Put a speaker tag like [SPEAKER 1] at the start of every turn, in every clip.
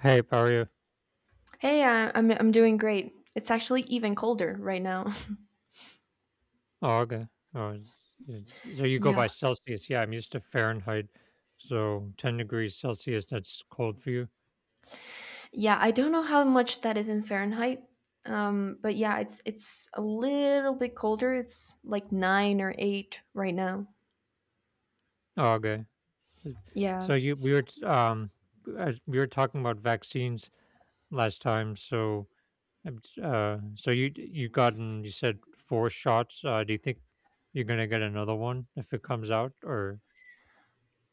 [SPEAKER 1] Hey, how are you?
[SPEAKER 2] Hey, I'm doing great. It's actually even colder right now.
[SPEAKER 1] Oh, okay. Oh, so you go
[SPEAKER 2] Yeah.
[SPEAKER 1] by Celsius. Yeah, I'm used to Fahrenheit. So 10 degrees Celsius, that's cold for you.
[SPEAKER 2] Yeah, I don't know how much that is in Fahrenheit. But yeah, it's a little bit colder. It's like 9 or 8 right now.
[SPEAKER 1] Oh, okay. So,
[SPEAKER 2] Yeah.
[SPEAKER 1] so you we were as we were talking about vaccines last time. So so you you gotten you said four shots. Do you think you're gonna get another one if it comes out or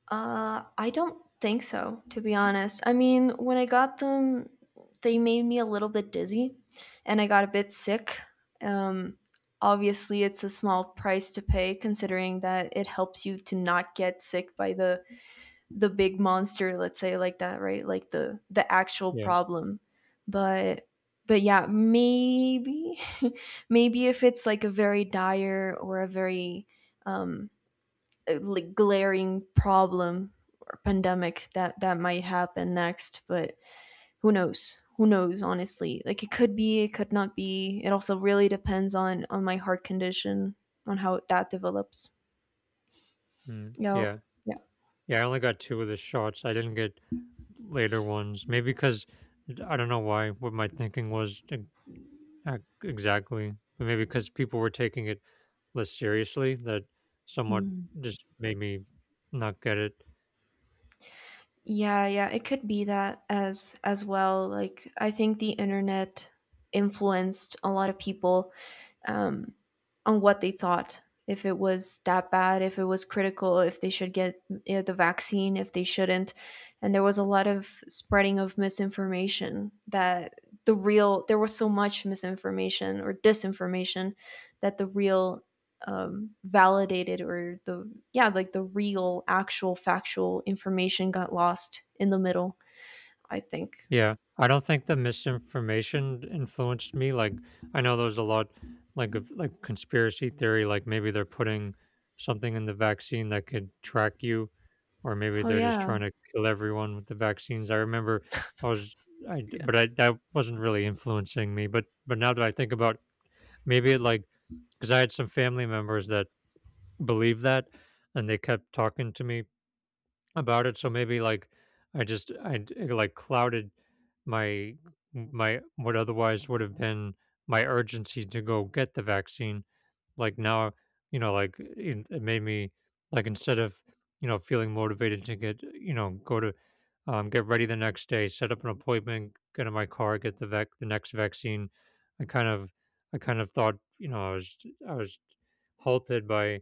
[SPEAKER 2] I don't think so, to be honest. I mean, when I got them, they made me a little bit dizzy and I got a bit sick. Um, obviously, it's a small price to pay considering that it helps you to not get sick by the big monster, let's say, like that, right? Like the actual
[SPEAKER 1] yeah.
[SPEAKER 2] problem, but but yeah, maybe. Maybe if it's like a very dire or a very um like glaring problem or pandemic that that might happen next. But who knows, who knows, honestly. Like it could be, it could not be. It also really depends on my heart condition, on how that develops.
[SPEAKER 1] Mm,
[SPEAKER 2] Yeah.
[SPEAKER 1] yeah.
[SPEAKER 2] Yeah.
[SPEAKER 1] Yeah, I only got two of the shots. I didn't get later ones. Maybe because I don't know why what my thinking was exactly, but maybe because people were taking it less seriously, that somewhat
[SPEAKER 2] Mm.
[SPEAKER 1] just made me not get it.
[SPEAKER 2] Yeah, yeah, it could be that as well. Like I think the internet influenced a lot of people, um, on what they thought, if it was that bad, if it was critical, if they should get, you know, the vaccine, if they shouldn't. And there was a lot of spreading of misinformation, that the real, there was so much misinformation or disinformation that the real, validated, or the, yeah, like the real, actual, factual information got lost in the middle, I think.
[SPEAKER 1] Yeah, I don't think the misinformation influenced me. Like, I know there's a lot, like, of like conspiracy theory. Like, maybe they're putting something in the vaccine that could track you, or maybe
[SPEAKER 2] Oh,
[SPEAKER 1] they're just
[SPEAKER 2] yeah.
[SPEAKER 1] trying to kill everyone with the vaccines. I remember I was,
[SPEAKER 2] Yeah.
[SPEAKER 1] but I that wasn't really influencing me. But now that I think about, maybe it like, because I had some family members that believed that, and they kept talking to me about it. So maybe like I just I d- like clouded my my what otherwise would have been my urgency to go get the vaccine like now, you know, like it made me like instead of, you know, feeling motivated to get, you know, go to get ready the next day, set up an appointment, get in my car, get the next vaccine. I I kind of thought, you know, I was halted by,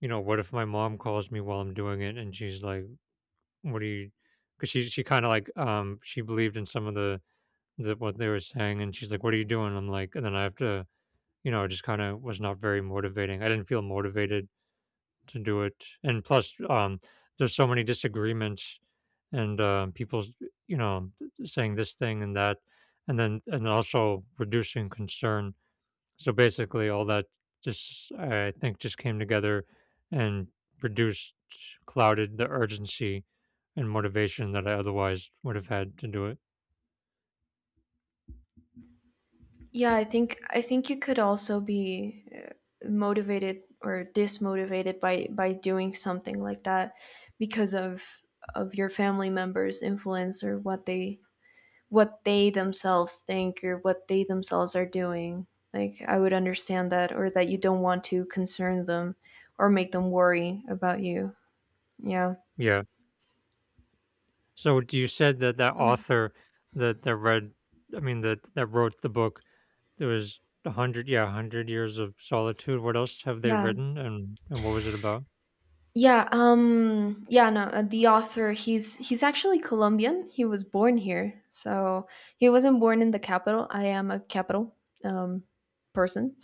[SPEAKER 1] you know, what if my mom calls me while I'm doing it and she's like, what do you? Because she kind of like she believed in some of the what they were saying, and she's like, what are you doing? I'm like, and then I have to, you know. It just kind of was not very motivating. I didn't feel motivated to do it. And plus, there's so many disagreements and, people's, you know, saying this thing and that. And also reducing concern. So basically all that just I think just came together and reduced, clouded the urgency and motivation that I otherwise would have had to do it.
[SPEAKER 2] Yeah, I think you could also be motivated or dismotivated by doing something like that because of your family members' influence, or what they, what they themselves think, or what they themselves are doing. Like I would understand that, or that you don't want to concern them or make them worry about you. Yeah.
[SPEAKER 1] Yeah. So you said that that
[SPEAKER 2] Um,
[SPEAKER 1] author that that read, I mean that that wrote the book. There was a hundred, yeah, a hundred years of solitude. What else have they
[SPEAKER 2] yeah,
[SPEAKER 1] written, and what was it about?
[SPEAKER 2] Yeah, yeah, no, the author, he's actually Colombian. He was born here. So he wasn't born in the capital. I am a capital um person.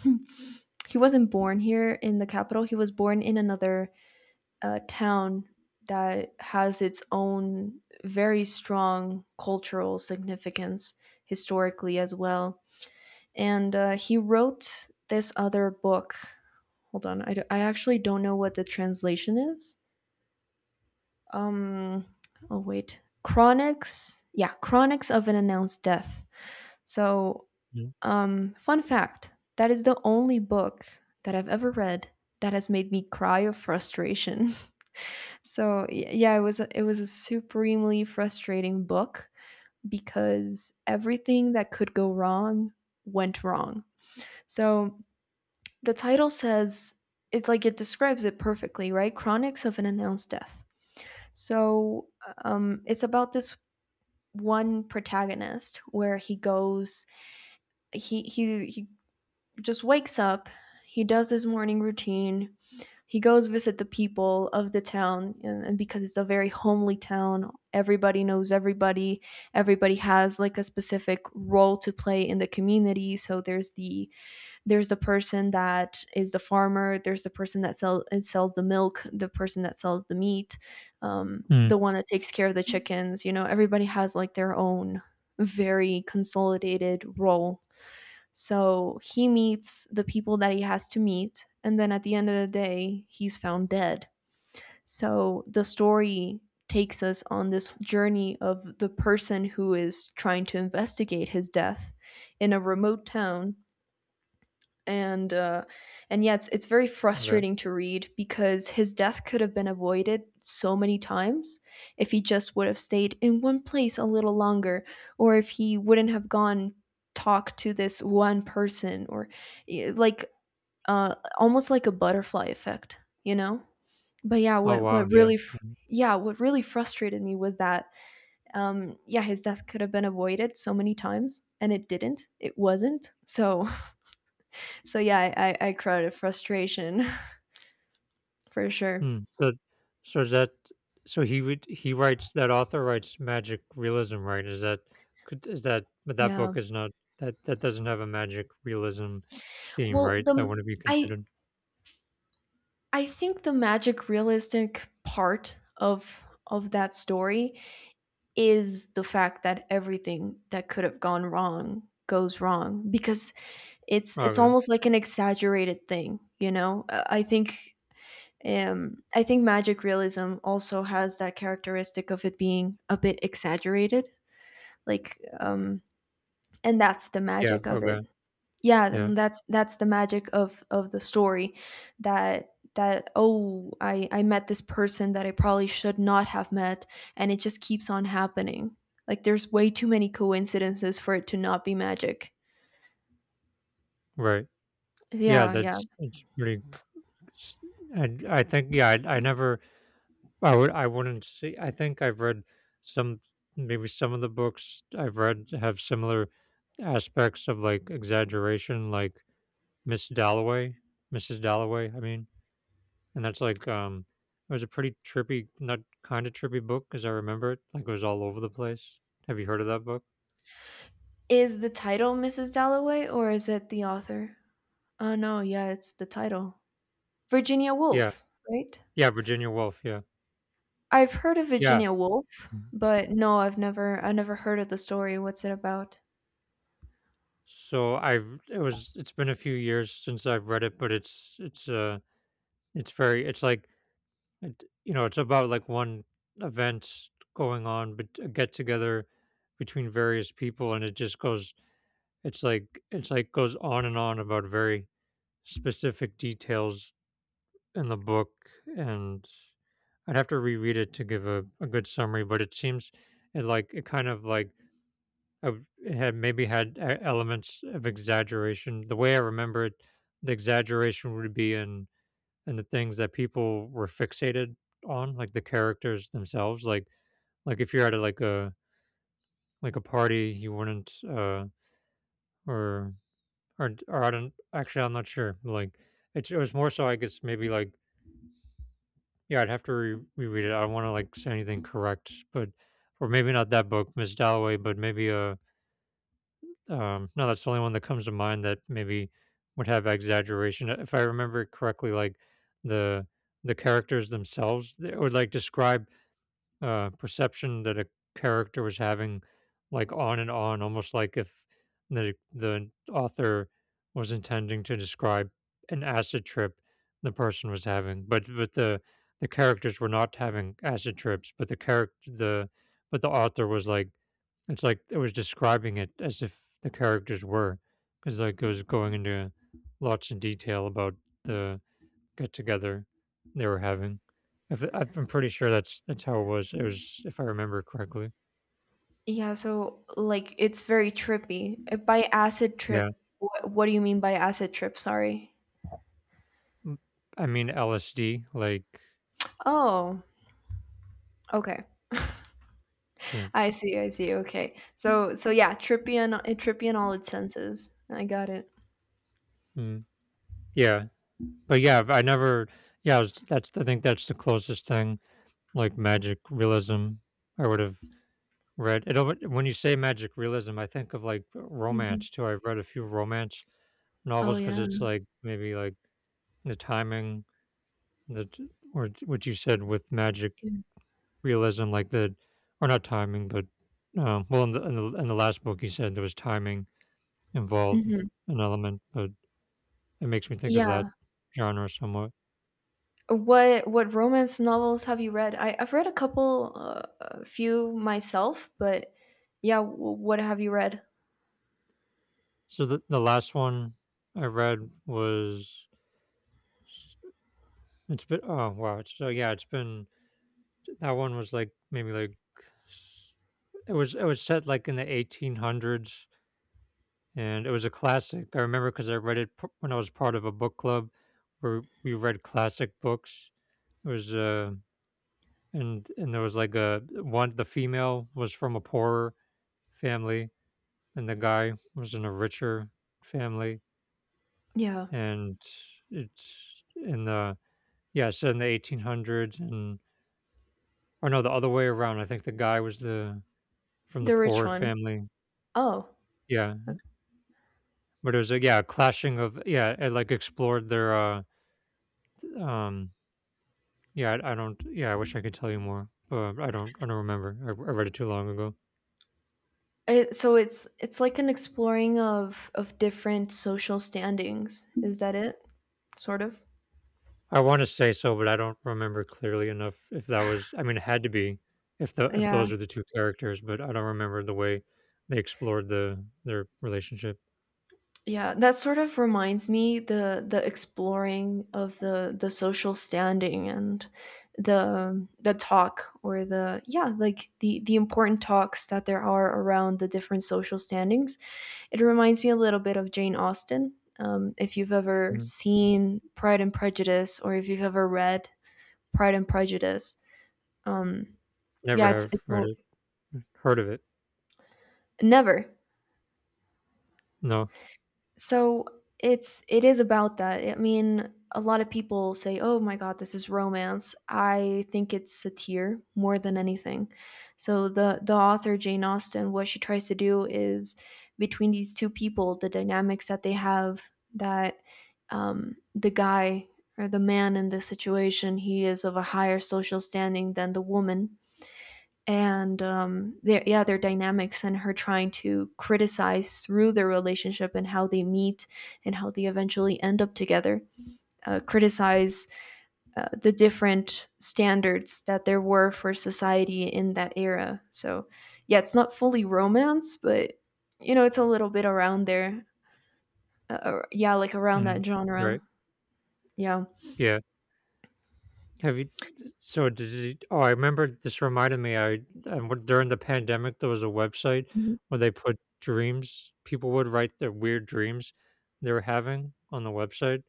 [SPEAKER 2] He wasn't born here in the capital. He was born in another town that has its own very strong cultural significance historically as well. And he wrote this other book. Hold on, I actually don't know what the translation is. Um oh wait, chronics, yeah, chronics of an announced death. So,
[SPEAKER 1] Mm.
[SPEAKER 2] fun fact, that is the only book that I've ever read that has made me cry of frustration. So yeah, it was it was a supremely frustrating book, because everything that could go wrong went wrong. So the title says, it's like it describes it perfectly, right? Chronics of an announced death. So, it's about this one protagonist where he goes, he just wakes up, he does his morning routine, he goes visit the people of the town, and because it's a very homely town, everybody knows everybody, everybody has like a specific role to play in the community. So there's the person that is the farmer, there's the person that sells the milk, the person that sells the meat,
[SPEAKER 1] Mm.
[SPEAKER 2] the one that takes care of the chickens, you know, everybody has like their own very consolidated role. So he meets the people that he has to meet, and then at the end of the day he's found dead. So the story takes us on this journey of the person who is trying to investigate his death in a remote town. And and yeah, it's very
[SPEAKER 1] Okay.
[SPEAKER 2] frustrating to read, because his death could have been avoided so many times, if he just would have stayed in one place a little longer, or if he wouldn't have gone talk to this one person, or eh, like almost like a butterfly effect, you know. But yeah,
[SPEAKER 1] Oh wow. Yeah. Yeah.
[SPEAKER 2] yeah, what really frustrated me was that, yeah, his death could have been avoided so many times, and it didn't, it wasn't. So, so yeah, I cried of frustration. For sure.
[SPEAKER 1] Mm. So is that so he would he writes, that author writes magic realism, right? Is that could is that, but that
[SPEAKER 2] Yeah.
[SPEAKER 1] book is not, that that doesn't have a magic realism theme,
[SPEAKER 2] Well,
[SPEAKER 1] right? That
[SPEAKER 2] the
[SPEAKER 1] wouldn't be
[SPEAKER 2] I
[SPEAKER 1] considered.
[SPEAKER 2] I think the magic realistic part of that story is the fact that everything that could have gone wrong goes wrong, because it's
[SPEAKER 1] Okay.
[SPEAKER 2] almost like an exaggerated thing, you know? I think, I think magic realism also has that characteristic of it being a bit exaggerated, like, and that's the
[SPEAKER 1] Yeah,
[SPEAKER 2] magic of it.
[SPEAKER 1] okay.
[SPEAKER 2] Yeah,
[SPEAKER 1] Yeah,
[SPEAKER 2] and that's the magic of the story. That that, oh, I met this person that I probably should not have met, and it just keeps on happening. Like there's way too many coincidences for it to not be magic.
[SPEAKER 1] right. Yeah,
[SPEAKER 2] Yeah, yeah.
[SPEAKER 1] that's it's pretty, and I think, yeah, I never I would I wouldn't see I think I've read some, maybe some of the books I've read have similar aspects of, like, exaggeration, like Miss Dalloway, Mrs. Dalloway, I mean, and that's like, it was a pretty trippy, not kinda trippy book as I remember it, like, it was all over the place. Have you heard of that book?
[SPEAKER 2] Is the title Mrs. Dalloway, or is it the author? Oh no, yeah, it's the title. Virginia
[SPEAKER 1] Yeah.
[SPEAKER 2] Woolf, right?
[SPEAKER 1] Yeah, Virginia Woolf, yeah.
[SPEAKER 2] I've heard of
[SPEAKER 1] Yeah.
[SPEAKER 2] Virginia Woolf, but no, I never heard of the story. What's it about?
[SPEAKER 1] So I've, it was, it's been a few years since I've read it, but it's it's very it's like it, you know, it's about like one event going on, but a get together between various people, and it just goes it's like goes on and on about very specific details in the book, and I'd have to reread it to give a good summary, but it seems it like it kind of like, oh, it had maybe had e elements of exaggeration. The way I remember it, the exaggeration would be in the things that people were fixated on, like the characters themselves. Like if you're at a, like a, like a party, you wouldn't or or I don't actually, I'm not sure. Like it was more so, I guess, maybe like, yeah, I'd have to reread it. I don't want to like say anything correct, but or maybe not that book, Miss Dalloway, but maybe no, that's the only one that comes to mind that maybe would have exaggeration. If I remember correctly, like the the characters themselves, they would like describe perception that a character was having, like on and on, almost like if the author was intending to describe an acid trip the person was having, but the characters were not having acid trips, but the character the but the author was like it's like it was describing it as if the characters were, because like it was going into lots of detail about the get together they were having. If I've I'm pretty sure that's how it was. It was, if I remember correctly.
[SPEAKER 2] Yeah, so like it's very trippy. By acid
[SPEAKER 1] Yeah.
[SPEAKER 2] trip, what do you mean by acid trip? Sorry.
[SPEAKER 1] Mm, I mean LSD, like,
[SPEAKER 2] Oh, okay.
[SPEAKER 1] so,
[SPEAKER 2] I see. Okay. So so yeah, trippy and trippy in all its senses. I got it.
[SPEAKER 1] mm, yeah, but yeah, I never. Yeah, I was, that's I think that's the closest thing like magic realism I would have read. It when you say magic realism, I think of like
[SPEAKER 2] Hmm.
[SPEAKER 1] romance too. I've read a few romance
[SPEAKER 2] Oh
[SPEAKER 1] novels because it's
[SPEAKER 2] yeah.
[SPEAKER 1] like maybe like the timing that or what you said with magic realism like the or not timing, but well, in the, in the last book, he said there was timing involved,
[SPEAKER 2] Mm-hmm.
[SPEAKER 1] an element, but it makes me think of that
[SPEAKER 2] Yeah.
[SPEAKER 1] genre somewhat.
[SPEAKER 2] What romance novels have you read? I've read a couple, a few myself, but yeah, what have you read?
[SPEAKER 1] So the last one I read was, it's been oh wow it's, so yeah it's been, that one was like maybe like s- it was, it was set like in the 1800s, and it was a classic. I remember because I read it when I was part of a book club where we read classic books. It was and there was like a one, the female was from a poorer family and the guy was in a richer family,
[SPEAKER 2] Yeah,
[SPEAKER 1] and it's in the, yeah, so in the 1800s, and or no, the other way around, I think the guy was the from the
[SPEAKER 2] the rich
[SPEAKER 1] poor
[SPEAKER 2] one.
[SPEAKER 1] family,
[SPEAKER 2] Oh,
[SPEAKER 1] yeah, but it was a, yeah, a clashing of, yeah, it like explored their um yeah, I don't, yeah, I wish I could tell you more, but I don't remember, I read it too long ago.
[SPEAKER 2] it so it's like an exploring of different social standings. Is that it? Sort of?
[SPEAKER 1] I want to say so, but I don't remember clearly enough if that was, I mean, it had to be if the if
[SPEAKER 2] Yeah.
[SPEAKER 1] those are the 2 characters, but I don't remember the way they explored the their relationship.
[SPEAKER 2] Yeah, that sort of reminds me, the exploring of the social standing, and the talk, or the, yeah, like the important talks that there are around the different social standings. It reminds me a little bit of Jane Austen. If you've ever
[SPEAKER 1] Mm.
[SPEAKER 2] seen Pride and Prejudice, or if you've ever read Pride and Prejudice, um,
[SPEAKER 1] Never
[SPEAKER 2] yeah,
[SPEAKER 1] have
[SPEAKER 2] it's
[SPEAKER 1] read
[SPEAKER 2] all
[SPEAKER 1] it, heard of it.
[SPEAKER 2] never.
[SPEAKER 1] No.
[SPEAKER 2] So it's it is about that. I mean, a lot of people say, "Oh my god, this is romance." I think it's satire more than anything. So the author Jane Austen, what she tries to do is, between these two people, the dynamics that they have, that, the guy, or the man in this situation, he is of a higher social standing than the woman, and their, yeah, their dynamics, and her trying to criticize through their relationship and how they meet and how they eventually end up together, criticize the different standards that there were for society in that era. So yeah, it's not fully romance, but you know, it's a little bit around there, uh, yeah, like around that
[SPEAKER 1] Mhm.
[SPEAKER 2] genre.
[SPEAKER 1] Right.
[SPEAKER 2] Yeah.
[SPEAKER 1] Yeah. Have you? So did you, oh, I remember this reminded me. During the pandemic there was a website
[SPEAKER 2] Mhm.
[SPEAKER 1] where they put dreams. People would write their weird dreams they were having on the website.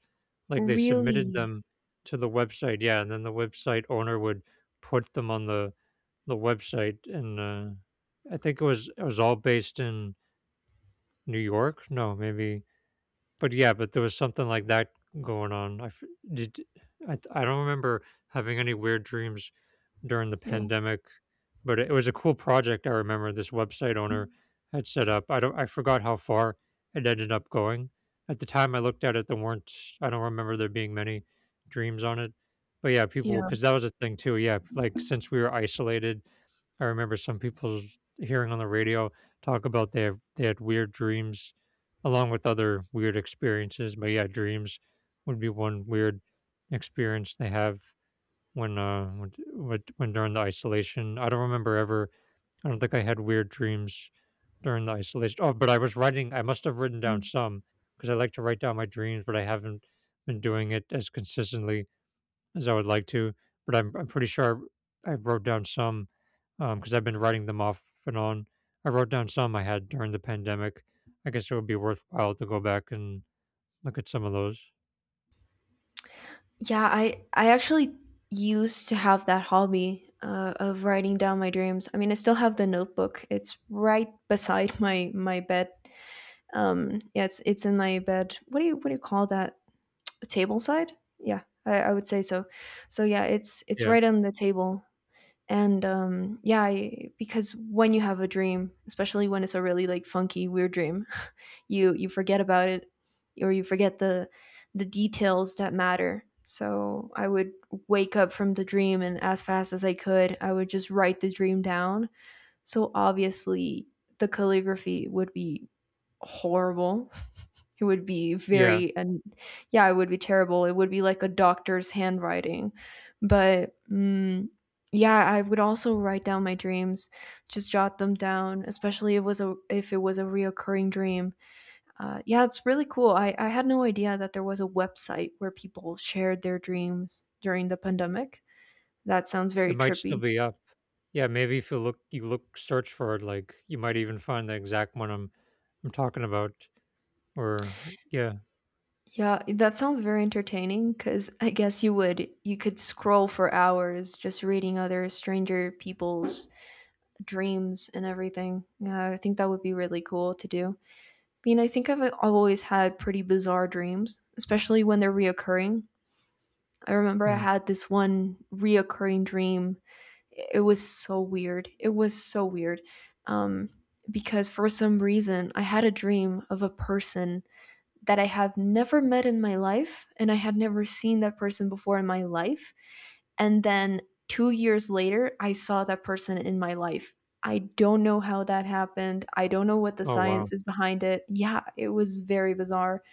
[SPEAKER 1] Like they submitted
[SPEAKER 2] Really.
[SPEAKER 1] them to the website, yeah, and then the website owner would put them on the website. And I think it was, it was all based in New York. No, maybe, but yeah, but there was something like that going on. Did. I don't remember having any weird dreams during the
[SPEAKER 2] Yeah,
[SPEAKER 1] pandemic, but it was a cool project. I remember this website owner had set up. I don't. I forgot how far it ended up going. At the time I looked at it, there weren't. I don't remember there being many dreams on it. But yeah, people,
[SPEAKER 2] yeah.
[SPEAKER 1] because that was a thing too. Yeah, like since we were isolated, I remember some people hearing on the radio talk about they have, they had weird dreams along with other weird experiences. But yeah, dreams would be one weird experience they have when during the isolation. I don't remember ever. I don't think I had weird dreams during the isolation. Oh, but I was writing. I must have written down
[SPEAKER 2] Mm-hmm.
[SPEAKER 1] some because I like to write down my dreams, but I haven't been doing it as consistently as I would like to, but I'm pretty sure I wrote down some because I've been writing them off and on. I wrote down some I had during the pandemic. I guess it would be worthwhile to go back and look at some of those.
[SPEAKER 2] Yeah, I actually used to have that hobby, of writing down my dreams. I mean, I still have the notebook. It's right beside my bed. Yeah, it's in my bed. What do you, what do you call that? A table side? Yeah, I would say so. So yeah, it's
[SPEAKER 1] Yeah,
[SPEAKER 2] right on the table. And yeah, because when you have a dream, especially when it's a really like funky weird dream, you forget about it, or you forget the details that matter. So I would wake up from the dream, and as fast as I could, I would just write the dream down. So obviously the calligraphy would be horrible. It would be
[SPEAKER 1] yeah,
[SPEAKER 2] very, and yeah, it would be terrible. It would be like a doctor's handwriting. But yeah, I would also write down my dreams, just jot them down, especially if it was a, if it was a reoccurring dream. Yeah, it's really cool. I had no idea that there was a website where people shared their dreams during the pandemic. That sounds very
[SPEAKER 1] it might still
[SPEAKER 2] trippy.
[SPEAKER 1] be up. Yeah, maybe if you look, you look, search for it, like you might even find the exact one I'm talking about. Or yeah,
[SPEAKER 2] Yeah, that sounds very entertaining, because I guess you could scroll for hours just reading other stranger people's dreams and everything. Yeah, I think that would be really cool to do. I mean, I think I've always had pretty bizarre dreams, especially when they're reoccurring. I remember I
[SPEAKER 1] mm.
[SPEAKER 2] had this one reoccurring dream. It was so weird. Um, because for some reason, I had a dream of a person that I have never met in my life, and I had never seen that person before in my life. And then 2 years later, I saw that person in my life. I don't know how that happened. I don't know what the
[SPEAKER 1] Oh wow,
[SPEAKER 2] science is behind it. Yeah, it was very bizarre.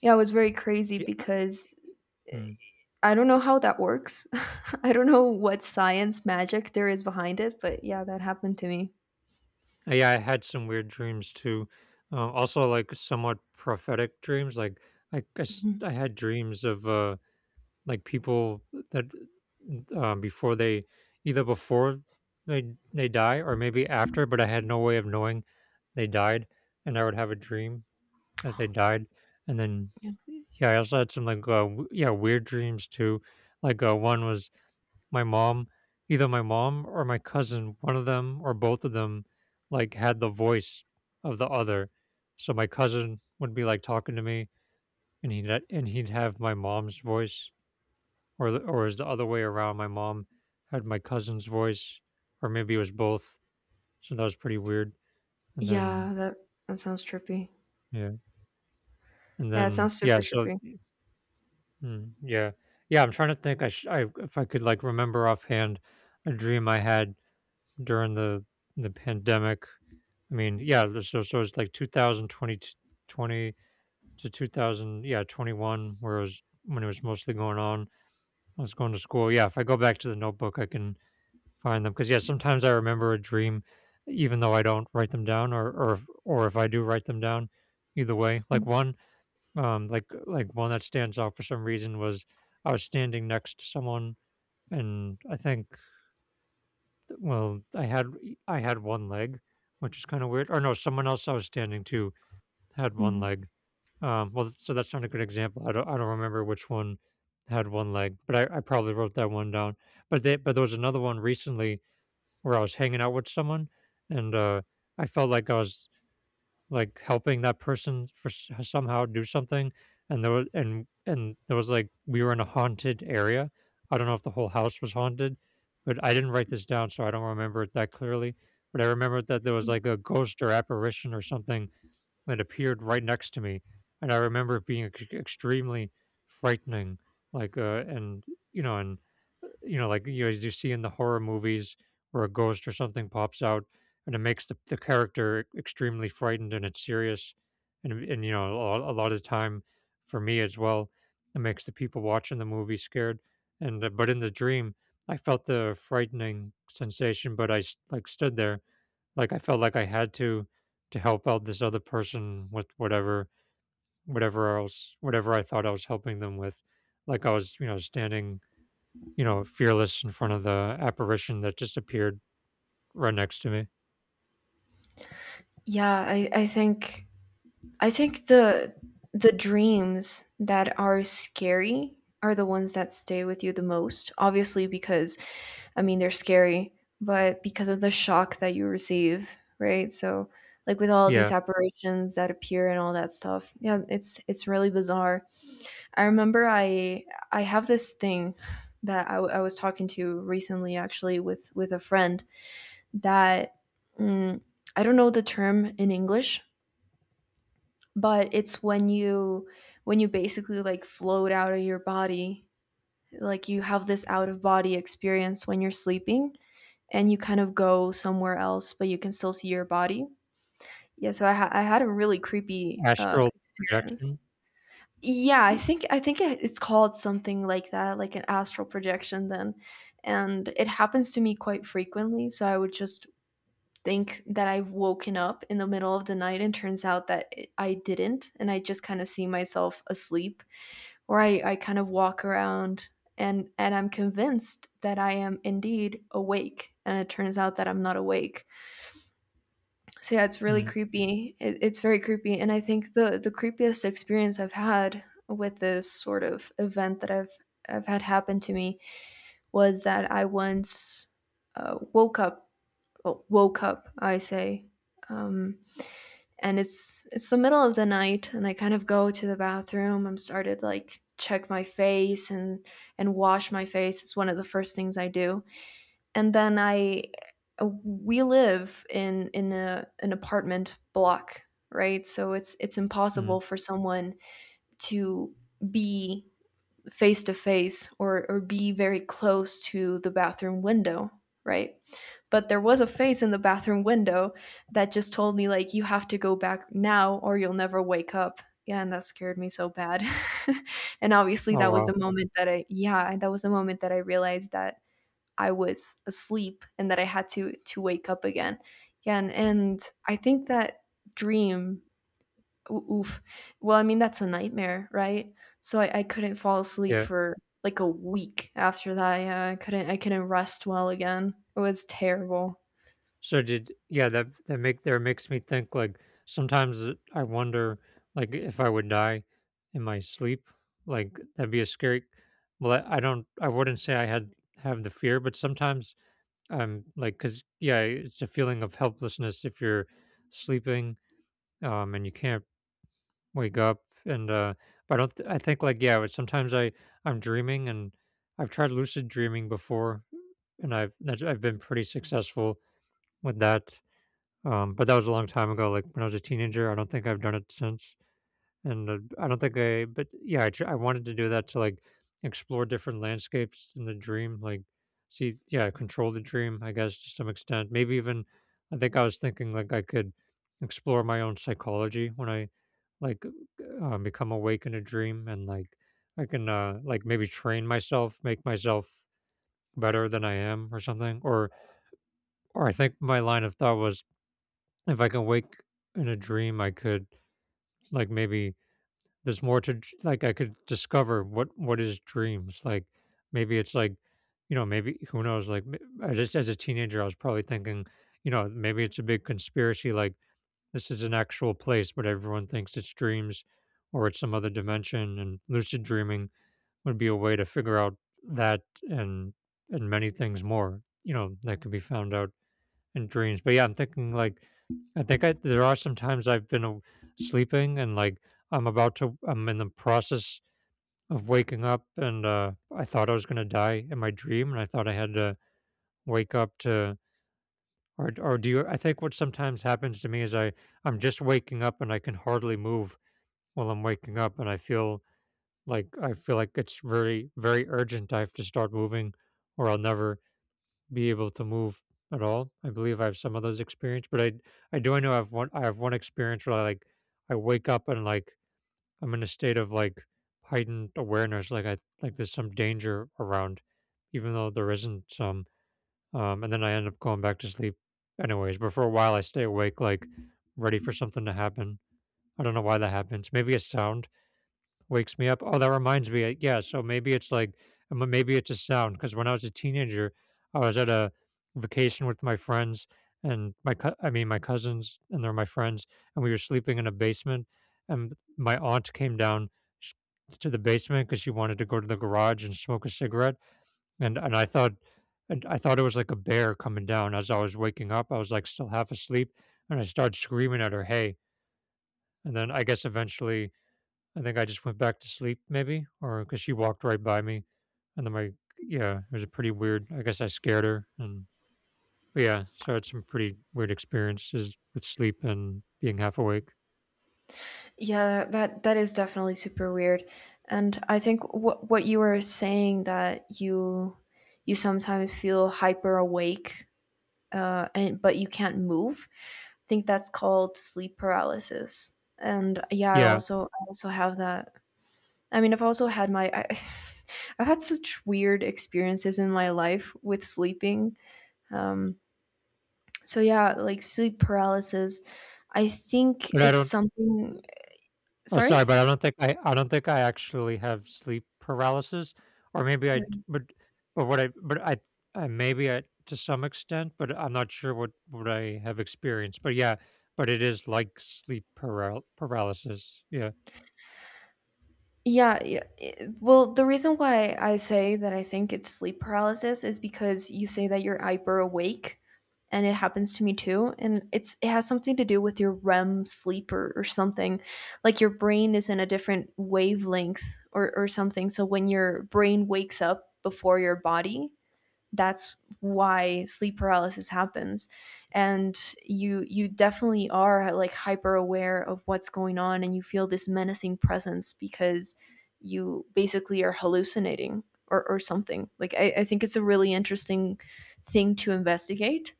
[SPEAKER 2] Yeah, it was very crazy
[SPEAKER 1] yeah.
[SPEAKER 2] because
[SPEAKER 1] Mm.
[SPEAKER 2] I don't know how that works. I don't know what science magic there is behind it, but yeah, that happened to me.
[SPEAKER 1] Yeah, I had some weird dreams too. Also, like somewhat prophetic dreams. Like I guess
[SPEAKER 2] Mhm.
[SPEAKER 1] I had dreams of like people that, before they either before they die or maybe after, but I had no way of knowing they died, and I would have a dream that they died, and then
[SPEAKER 2] Yeah.
[SPEAKER 1] yeah, I also had some, like, yeah, weird dreams too. Like, one was my mom, either my mom or my cousin, one of them or both of them, like had the voice of the other. So my cousin would be like talking to me, and he'd have my mom's voice, or the, or is the other way around, my mom had my cousin's voice, or maybe it was both. So that was pretty weird. and then
[SPEAKER 2] Yeah, that that sounds trippy.
[SPEAKER 1] yeah and
[SPEAKER 2] Yeah, it
[SPEAKER 1] then
[SPEAKER 2] sounds
[SPEAKER 1] yeah
[SPEAKER 2] super
[SPEAKER 1] so
[SPEAKER 2] trippy.
[SPEAKER 1] mm, Yeah, yeah I'm trying to think. I, if I could like remember offhand a dream I had during the pandemic. I mean, yeah, so it's like two thousand 20 to 2000, yeah, 21, whereas when it was mostly going on, I was going to school. Yeah, if I go back to the notebook, I can find them, because yeah, sometimes I remember a dream, even though I don't write them down, or or if I do write them down, either way. Like,
[SPEAKER 2] Mhm.
[SPEAKER 1] one, like one that stands out for some reason was I was standing next to someone, and I think, well, I had one leg, which is kinda weird. Or, no, someone else I was standing to had one
[SPEAKER 2] Mhm.
[SPEAKER 1] leg. Well, so that's not a good example. I don't remember which one had one leg, but I probably wrote that one down. But they but there was another one recently where I was hanging out with someone, and, I felt like I was, like, helping that person for, somehow, do something. And there was, like, we were in a haunted area. I don't know if the whole house was haunted, but I didn't write this down, so I don't remember it that clearly. But I remember that there was, like, a ghost or apparition or something that appeared right next to me, and I remember it being extremely frightening. Like, and, and, like, you, as you see in the horror movies, where a ghost or something pops out, and it makes the character, extremely frightened, and it's serious, and, and, a, a lot of the time for me as well, it makes the people watching the movie scared. And, but in the dream, I felt the frightening sensation, but like, stood there. Like, I felt like I had to help out this other person with whatever, whatever else whatever I thought I was helping them with. Like, I was, standing, fearless in front of the apparition that just appeared right next to me.
[SPEAKER 2] Yeah, I think the dreams that are scary are the ones that stay with you the most, obviously because they're scary, but because of the shock that you receive, right? Like with all these
[SPEAKER 1] Yeah.
[SPEAKER 2] apparitions that appear and all that stuff, yeah, it's really bizarre. I remember I have this thing that I was talking to recently, actually, with a friend that mm, I don't know the term in English, but it's when you basically like float out of your body like you have this out of body experience when you're sleeping and you kind of go somewhere else, but you can still see your body. Yeah, so I had a really creepy
[SPEAKER 1] Astral
[SPEAKER 2] experience.
[SPEAKER 1] projection.
[SPEAKER 2] Yeah, I think it's called something like that, like an astral projection. And it happens to me quite frequently. So I would just think that I've woken up in the middle of the night, and turns out that I didn't, and I just kind of see myself asleep or I kind of walk around and I'm convinced that I am indeed awake, and it turns out that I'm not awake. So yeah, it's really
[SPEAKER 1] Mm.
[SPEAKER 2] creepy. It's very creepy, and I think the creepiest experience I've had with this sort of event that I've had happen to me was that I once woke up, well, woke up, I say, um, and it's the middle of the night, and I kind of go to the bathroom. I'm started like check my face and wash my face. It's one of the first things I do. And then I, we live in an apartment block, right? So it's impossible
[SPEAKER 1] Mm.
[SPEAKER 2] for someone to be face to face or be very close to the bathroom window, right? But there was a face in the bathroom window that just told me, like, you have to go back now or you'll never wake up. Yeah, and that scared me so bad. And obviously
[SPEAKER 1] Oh,
[SPEAKER 2] that was
[SPEAKER 1] wow.
[SPEAKER 2] the moment that that was the moment that I realized that I was asleep and that I had to wake up again. Yeah, and I think that dream Oo oof. Well, that's a nightmare, right? So I couldn't fall asleep
[SPEAKER 1] Yeah.
[SPEAKER 2] for, like, a week after that, yeah, I couldn't rest well again. It was terrible.
[SPEAKER 1] That makes me think, like, sometimes, I wonder, like, if I would die in my sleep, like, that'd be a scary. Well, I don't, I wouldn't say I had have the fear, but sometimes I'm like, 'cause, yeah, it's a feeling of helplessness if you're sleeping, and you can't wake up, and, but I don't, th- I think, like, yeah, but sometimes I'm dreaming, and I've tried lucid dreaming before, and I've been pretty successful with that. But that was a long time ago, like, when I was a teenager. I don't think I've done it since, and, I don't think I. But yeah, I wanted to do that, to, like, explore different landscapes in the dream, like, see, yeah, control the dream, I guess, to some extent. Maybe even, I think I was thinking, like, I could explore my own psychology when I, like, become awake in a dream, and, like, I can like, maybe train myself, make myself better than I am, or something. Or I think my line of thought was, if I can wake in a dream, I could, like, maybe there's more to like, I could discover what is dreams. Like, maybe it's like, you know, maybe, who knows, like, I just, as a teenager, I was probably thinking, you know, maybe it's a big conspiracy, like, this is an actual place but everyone thinks it's dreams, or it's some other dimension, and lucid dreaming would be a way to figure out that, and many things more, you know, that could be found out, and dreams. But yeah, I'm thinking, like, I think I there are some times I've been a sleeping, and, like, I'm about to I'm in the process of waking up, and I thought I was going to die in my dream, and I thought I had to wake up to, or do you, I think what sometimes happens to me is I'm just waking up and I can hardly move while I'm waking up, and I feel like it's very, very urgent I have to start moving, or I'll never be able to move at all. I believe I have some of those experience, but I do, I know I have one experience where I wake up, and, like, I'm in a state of, like, heightened awareness, like, I like there's some danger around, even though there isn't some. And then I end up going back to sleep anyways. But for a while I stay awake, like, ready for something to happen. I don't know why that happens. Maybe a sound wakes me up. Oh, that reminds me. Yeah, so maybe it's like, maybe it's a sound, because when I was a teenager, I was at a vacation with my friends, and I mean, my cousins, and they're my friends, and we were sleeping in a basement, and my aunt came down, sh- to the basement, because she wanted to go to the garage and smoke a cigarette. And I thought, and I thought it was like a bear coming down as I was waking up. I was, like, still half asleep, and I started screaming at her, "Hey!" And then I guess eventually I think I just went back to sleep, maybe, or because she walked right by me. And then my yeah, it was a pretty weird, I guess I scared her. And, but yeah, so I had some pretty weird experiences with sleep and being half awake.
[SPEAKER 2] Yeah, that that is definitely super weird, and I think what you were saying that you sometimes feel hyper awake, and but you can't move, I think that's called sleep paralysis, and yeah, I
[SPEAKER 1] Yeah,
[SPEAKER 2] also I also have that. I mean, I've also had my. I, I've had such weird experiences in my life with sleeping. Um, so yeah, like sleep paralysis. I think
[SPEAKER 1] but I
[SPEAKER 2] it's
[SPEAKER 1] don't
[SPEAKER 2] something.
[SPEAKER 1] Oh, sorry,
[SPEAKER 2] Sorry.
[SPEAKER 1] but I don't think I actually have sleep paralysis, or maybe I
[SPEAKER 2] Yeah.
[SPEAKER 1] but what I, maybe I, to some extent, but I'm not sure what I have experienced. But yeah, but it is like sleep paralysis. Yeah.
[SPEAKER 2] Yeah. Well, the reason why I say that I think it's sleep paralysis is because you say that you're hyper awake, and it happens to me too. And it has something to do with your REM sleep or something. Like your brain is in a different wavelength or something. So when your brain wakes up before your body, that's why sleep paralysis happens, and you definitely are like hyper aware of what's going on, and you feel this menacing presence because you basically are hallucinating or something. Like I think it's a really interesting thing to investigate.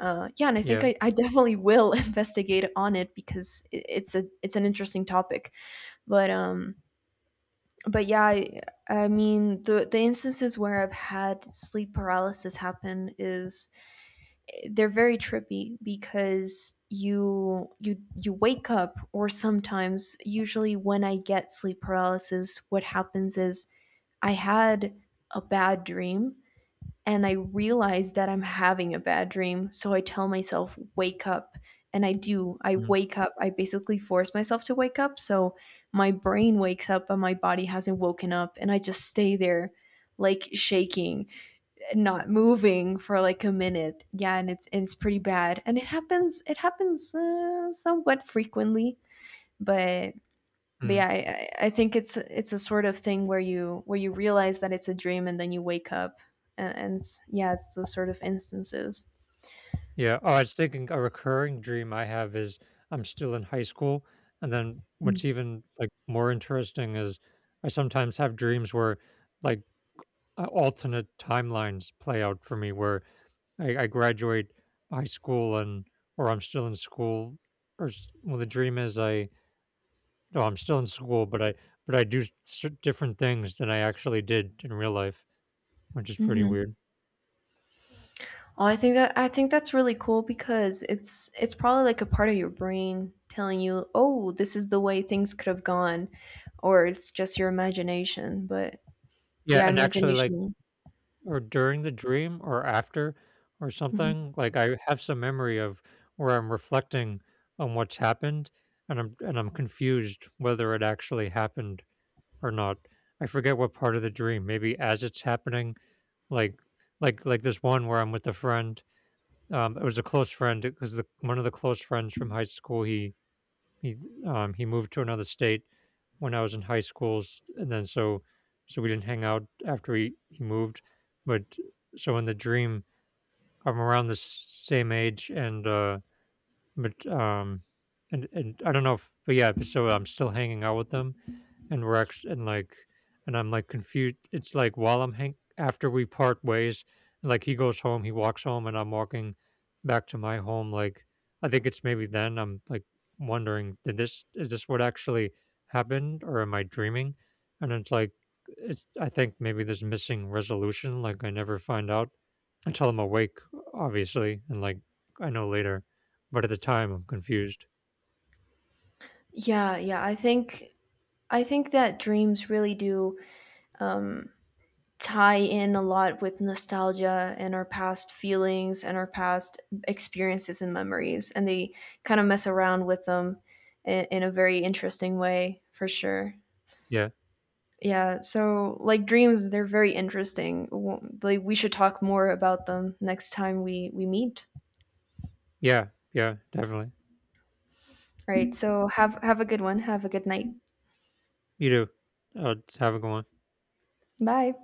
[SPEAKER 2] Yeah, and
[SPEAKER 1] Yeah.
[SPEAKER 2] I definitely will investigate on it because it's a it's an interesting topic, but um but yeah, I mean the instances where I've had sleep paralysis happen is they're very trippy because you wake up, or sometimes usually when I get sleep paralysis, what happens is I had a bad dream and I realize that I'm having a bad dream. So I tell myself, wake up. And I do. I
[SPEAKER 1] Mhm.
[SPEAKER 2] wake up. I basically force myself to wake up. So my brain wakes up, but my body hasn't woken up. And I just stay there, like shaking, not moving for like a minute. Yeah. And it's pretty bad. And it happens somewhat frequently. But but yeah,
[SPEAKER 1] Mhm.
[SPEAKER 2] I think it's a sort of thing where you realize that it's a dream and then you wake up, and it's, yeah, it's those sort of instances.
[SPEAKER 1] Yeah. Oh, I was thinking, a recurring dream I have is I'm still in high school. And then
[SPEAKER 2] Mm.
[SPEAKER 1] what's even, like, more interesting is I sometimes have dreams where, like, alternate timelines play out for me where I graduate high school, and, or I'm still in school, or well, the dream is I no, I'm still in school, but I do different things than I actually did in real life, which is pretty
[SPEAKER 2] Hmm.
[SPEAKER 1] weird.
[SPEAKER 2] Well, I think that I think that's really cool because it's probably like a part of your brain telling you, oh, this is the way things could have gone, or it's just your imagination. But
[SPEAKER 1] Yeah,
[SPEAKER 2] yeah,
[SPEAKER 1] and actually, like,
[SPEAKER 2] imagination.
[SPEAKER 1] or during the dream or after, or
[SPEAKER 2] Mhm.
[SPEAKER 1] something. Like, I have some memory of where I'm reflecting on what's happened, and I'm confused whether it actually happened or not. I forget what part of the dream. Maybe as it's happening, like, this one where I'm with a friend. It was a close friend, because the, one of the close friends from high school. He, he moved to another state when I was in high school, and then, so we didn't hang out after he moved. But so, in the dream, I'm around the same age, and, but and I don't know if, but yeah, so I'm still hanging out with them, and we're actually, and, like, and I'm, like, confused. It's like, while I'm hang after we part ways, like, he goes home, he walks home, and I'm walking back to my home. Like, I think it's maybe then I'm, like, wondering, did this is this what actually happened, or am I dreaming? And it's like, it's I think maybe there's missing resolution. Like, I never find out until I'm awake, obviously, and, like, I know later, but at the time I'm confused.
[SPEAKER 2] Yeah, yeah. I think that dreams really do. Um, Tie in a lot with nostalgia and our past feelings and our past experiences and memories, and they kind of mess around with them in a very interesting way for sure.
[SPEAKER 1] Yeah,
[SPEAKER 2] Yeah, so like dreams, they're very interesting. Like, we should talk more about them next time we meet.
[SPEAKER 1] yeah, yeah, definitely.
[SPEAKER 2] Right, so have a good one. Have a good night.
[SPEAKER 1] You do. I'll have a go on.
[SPEAKER 2] Bye.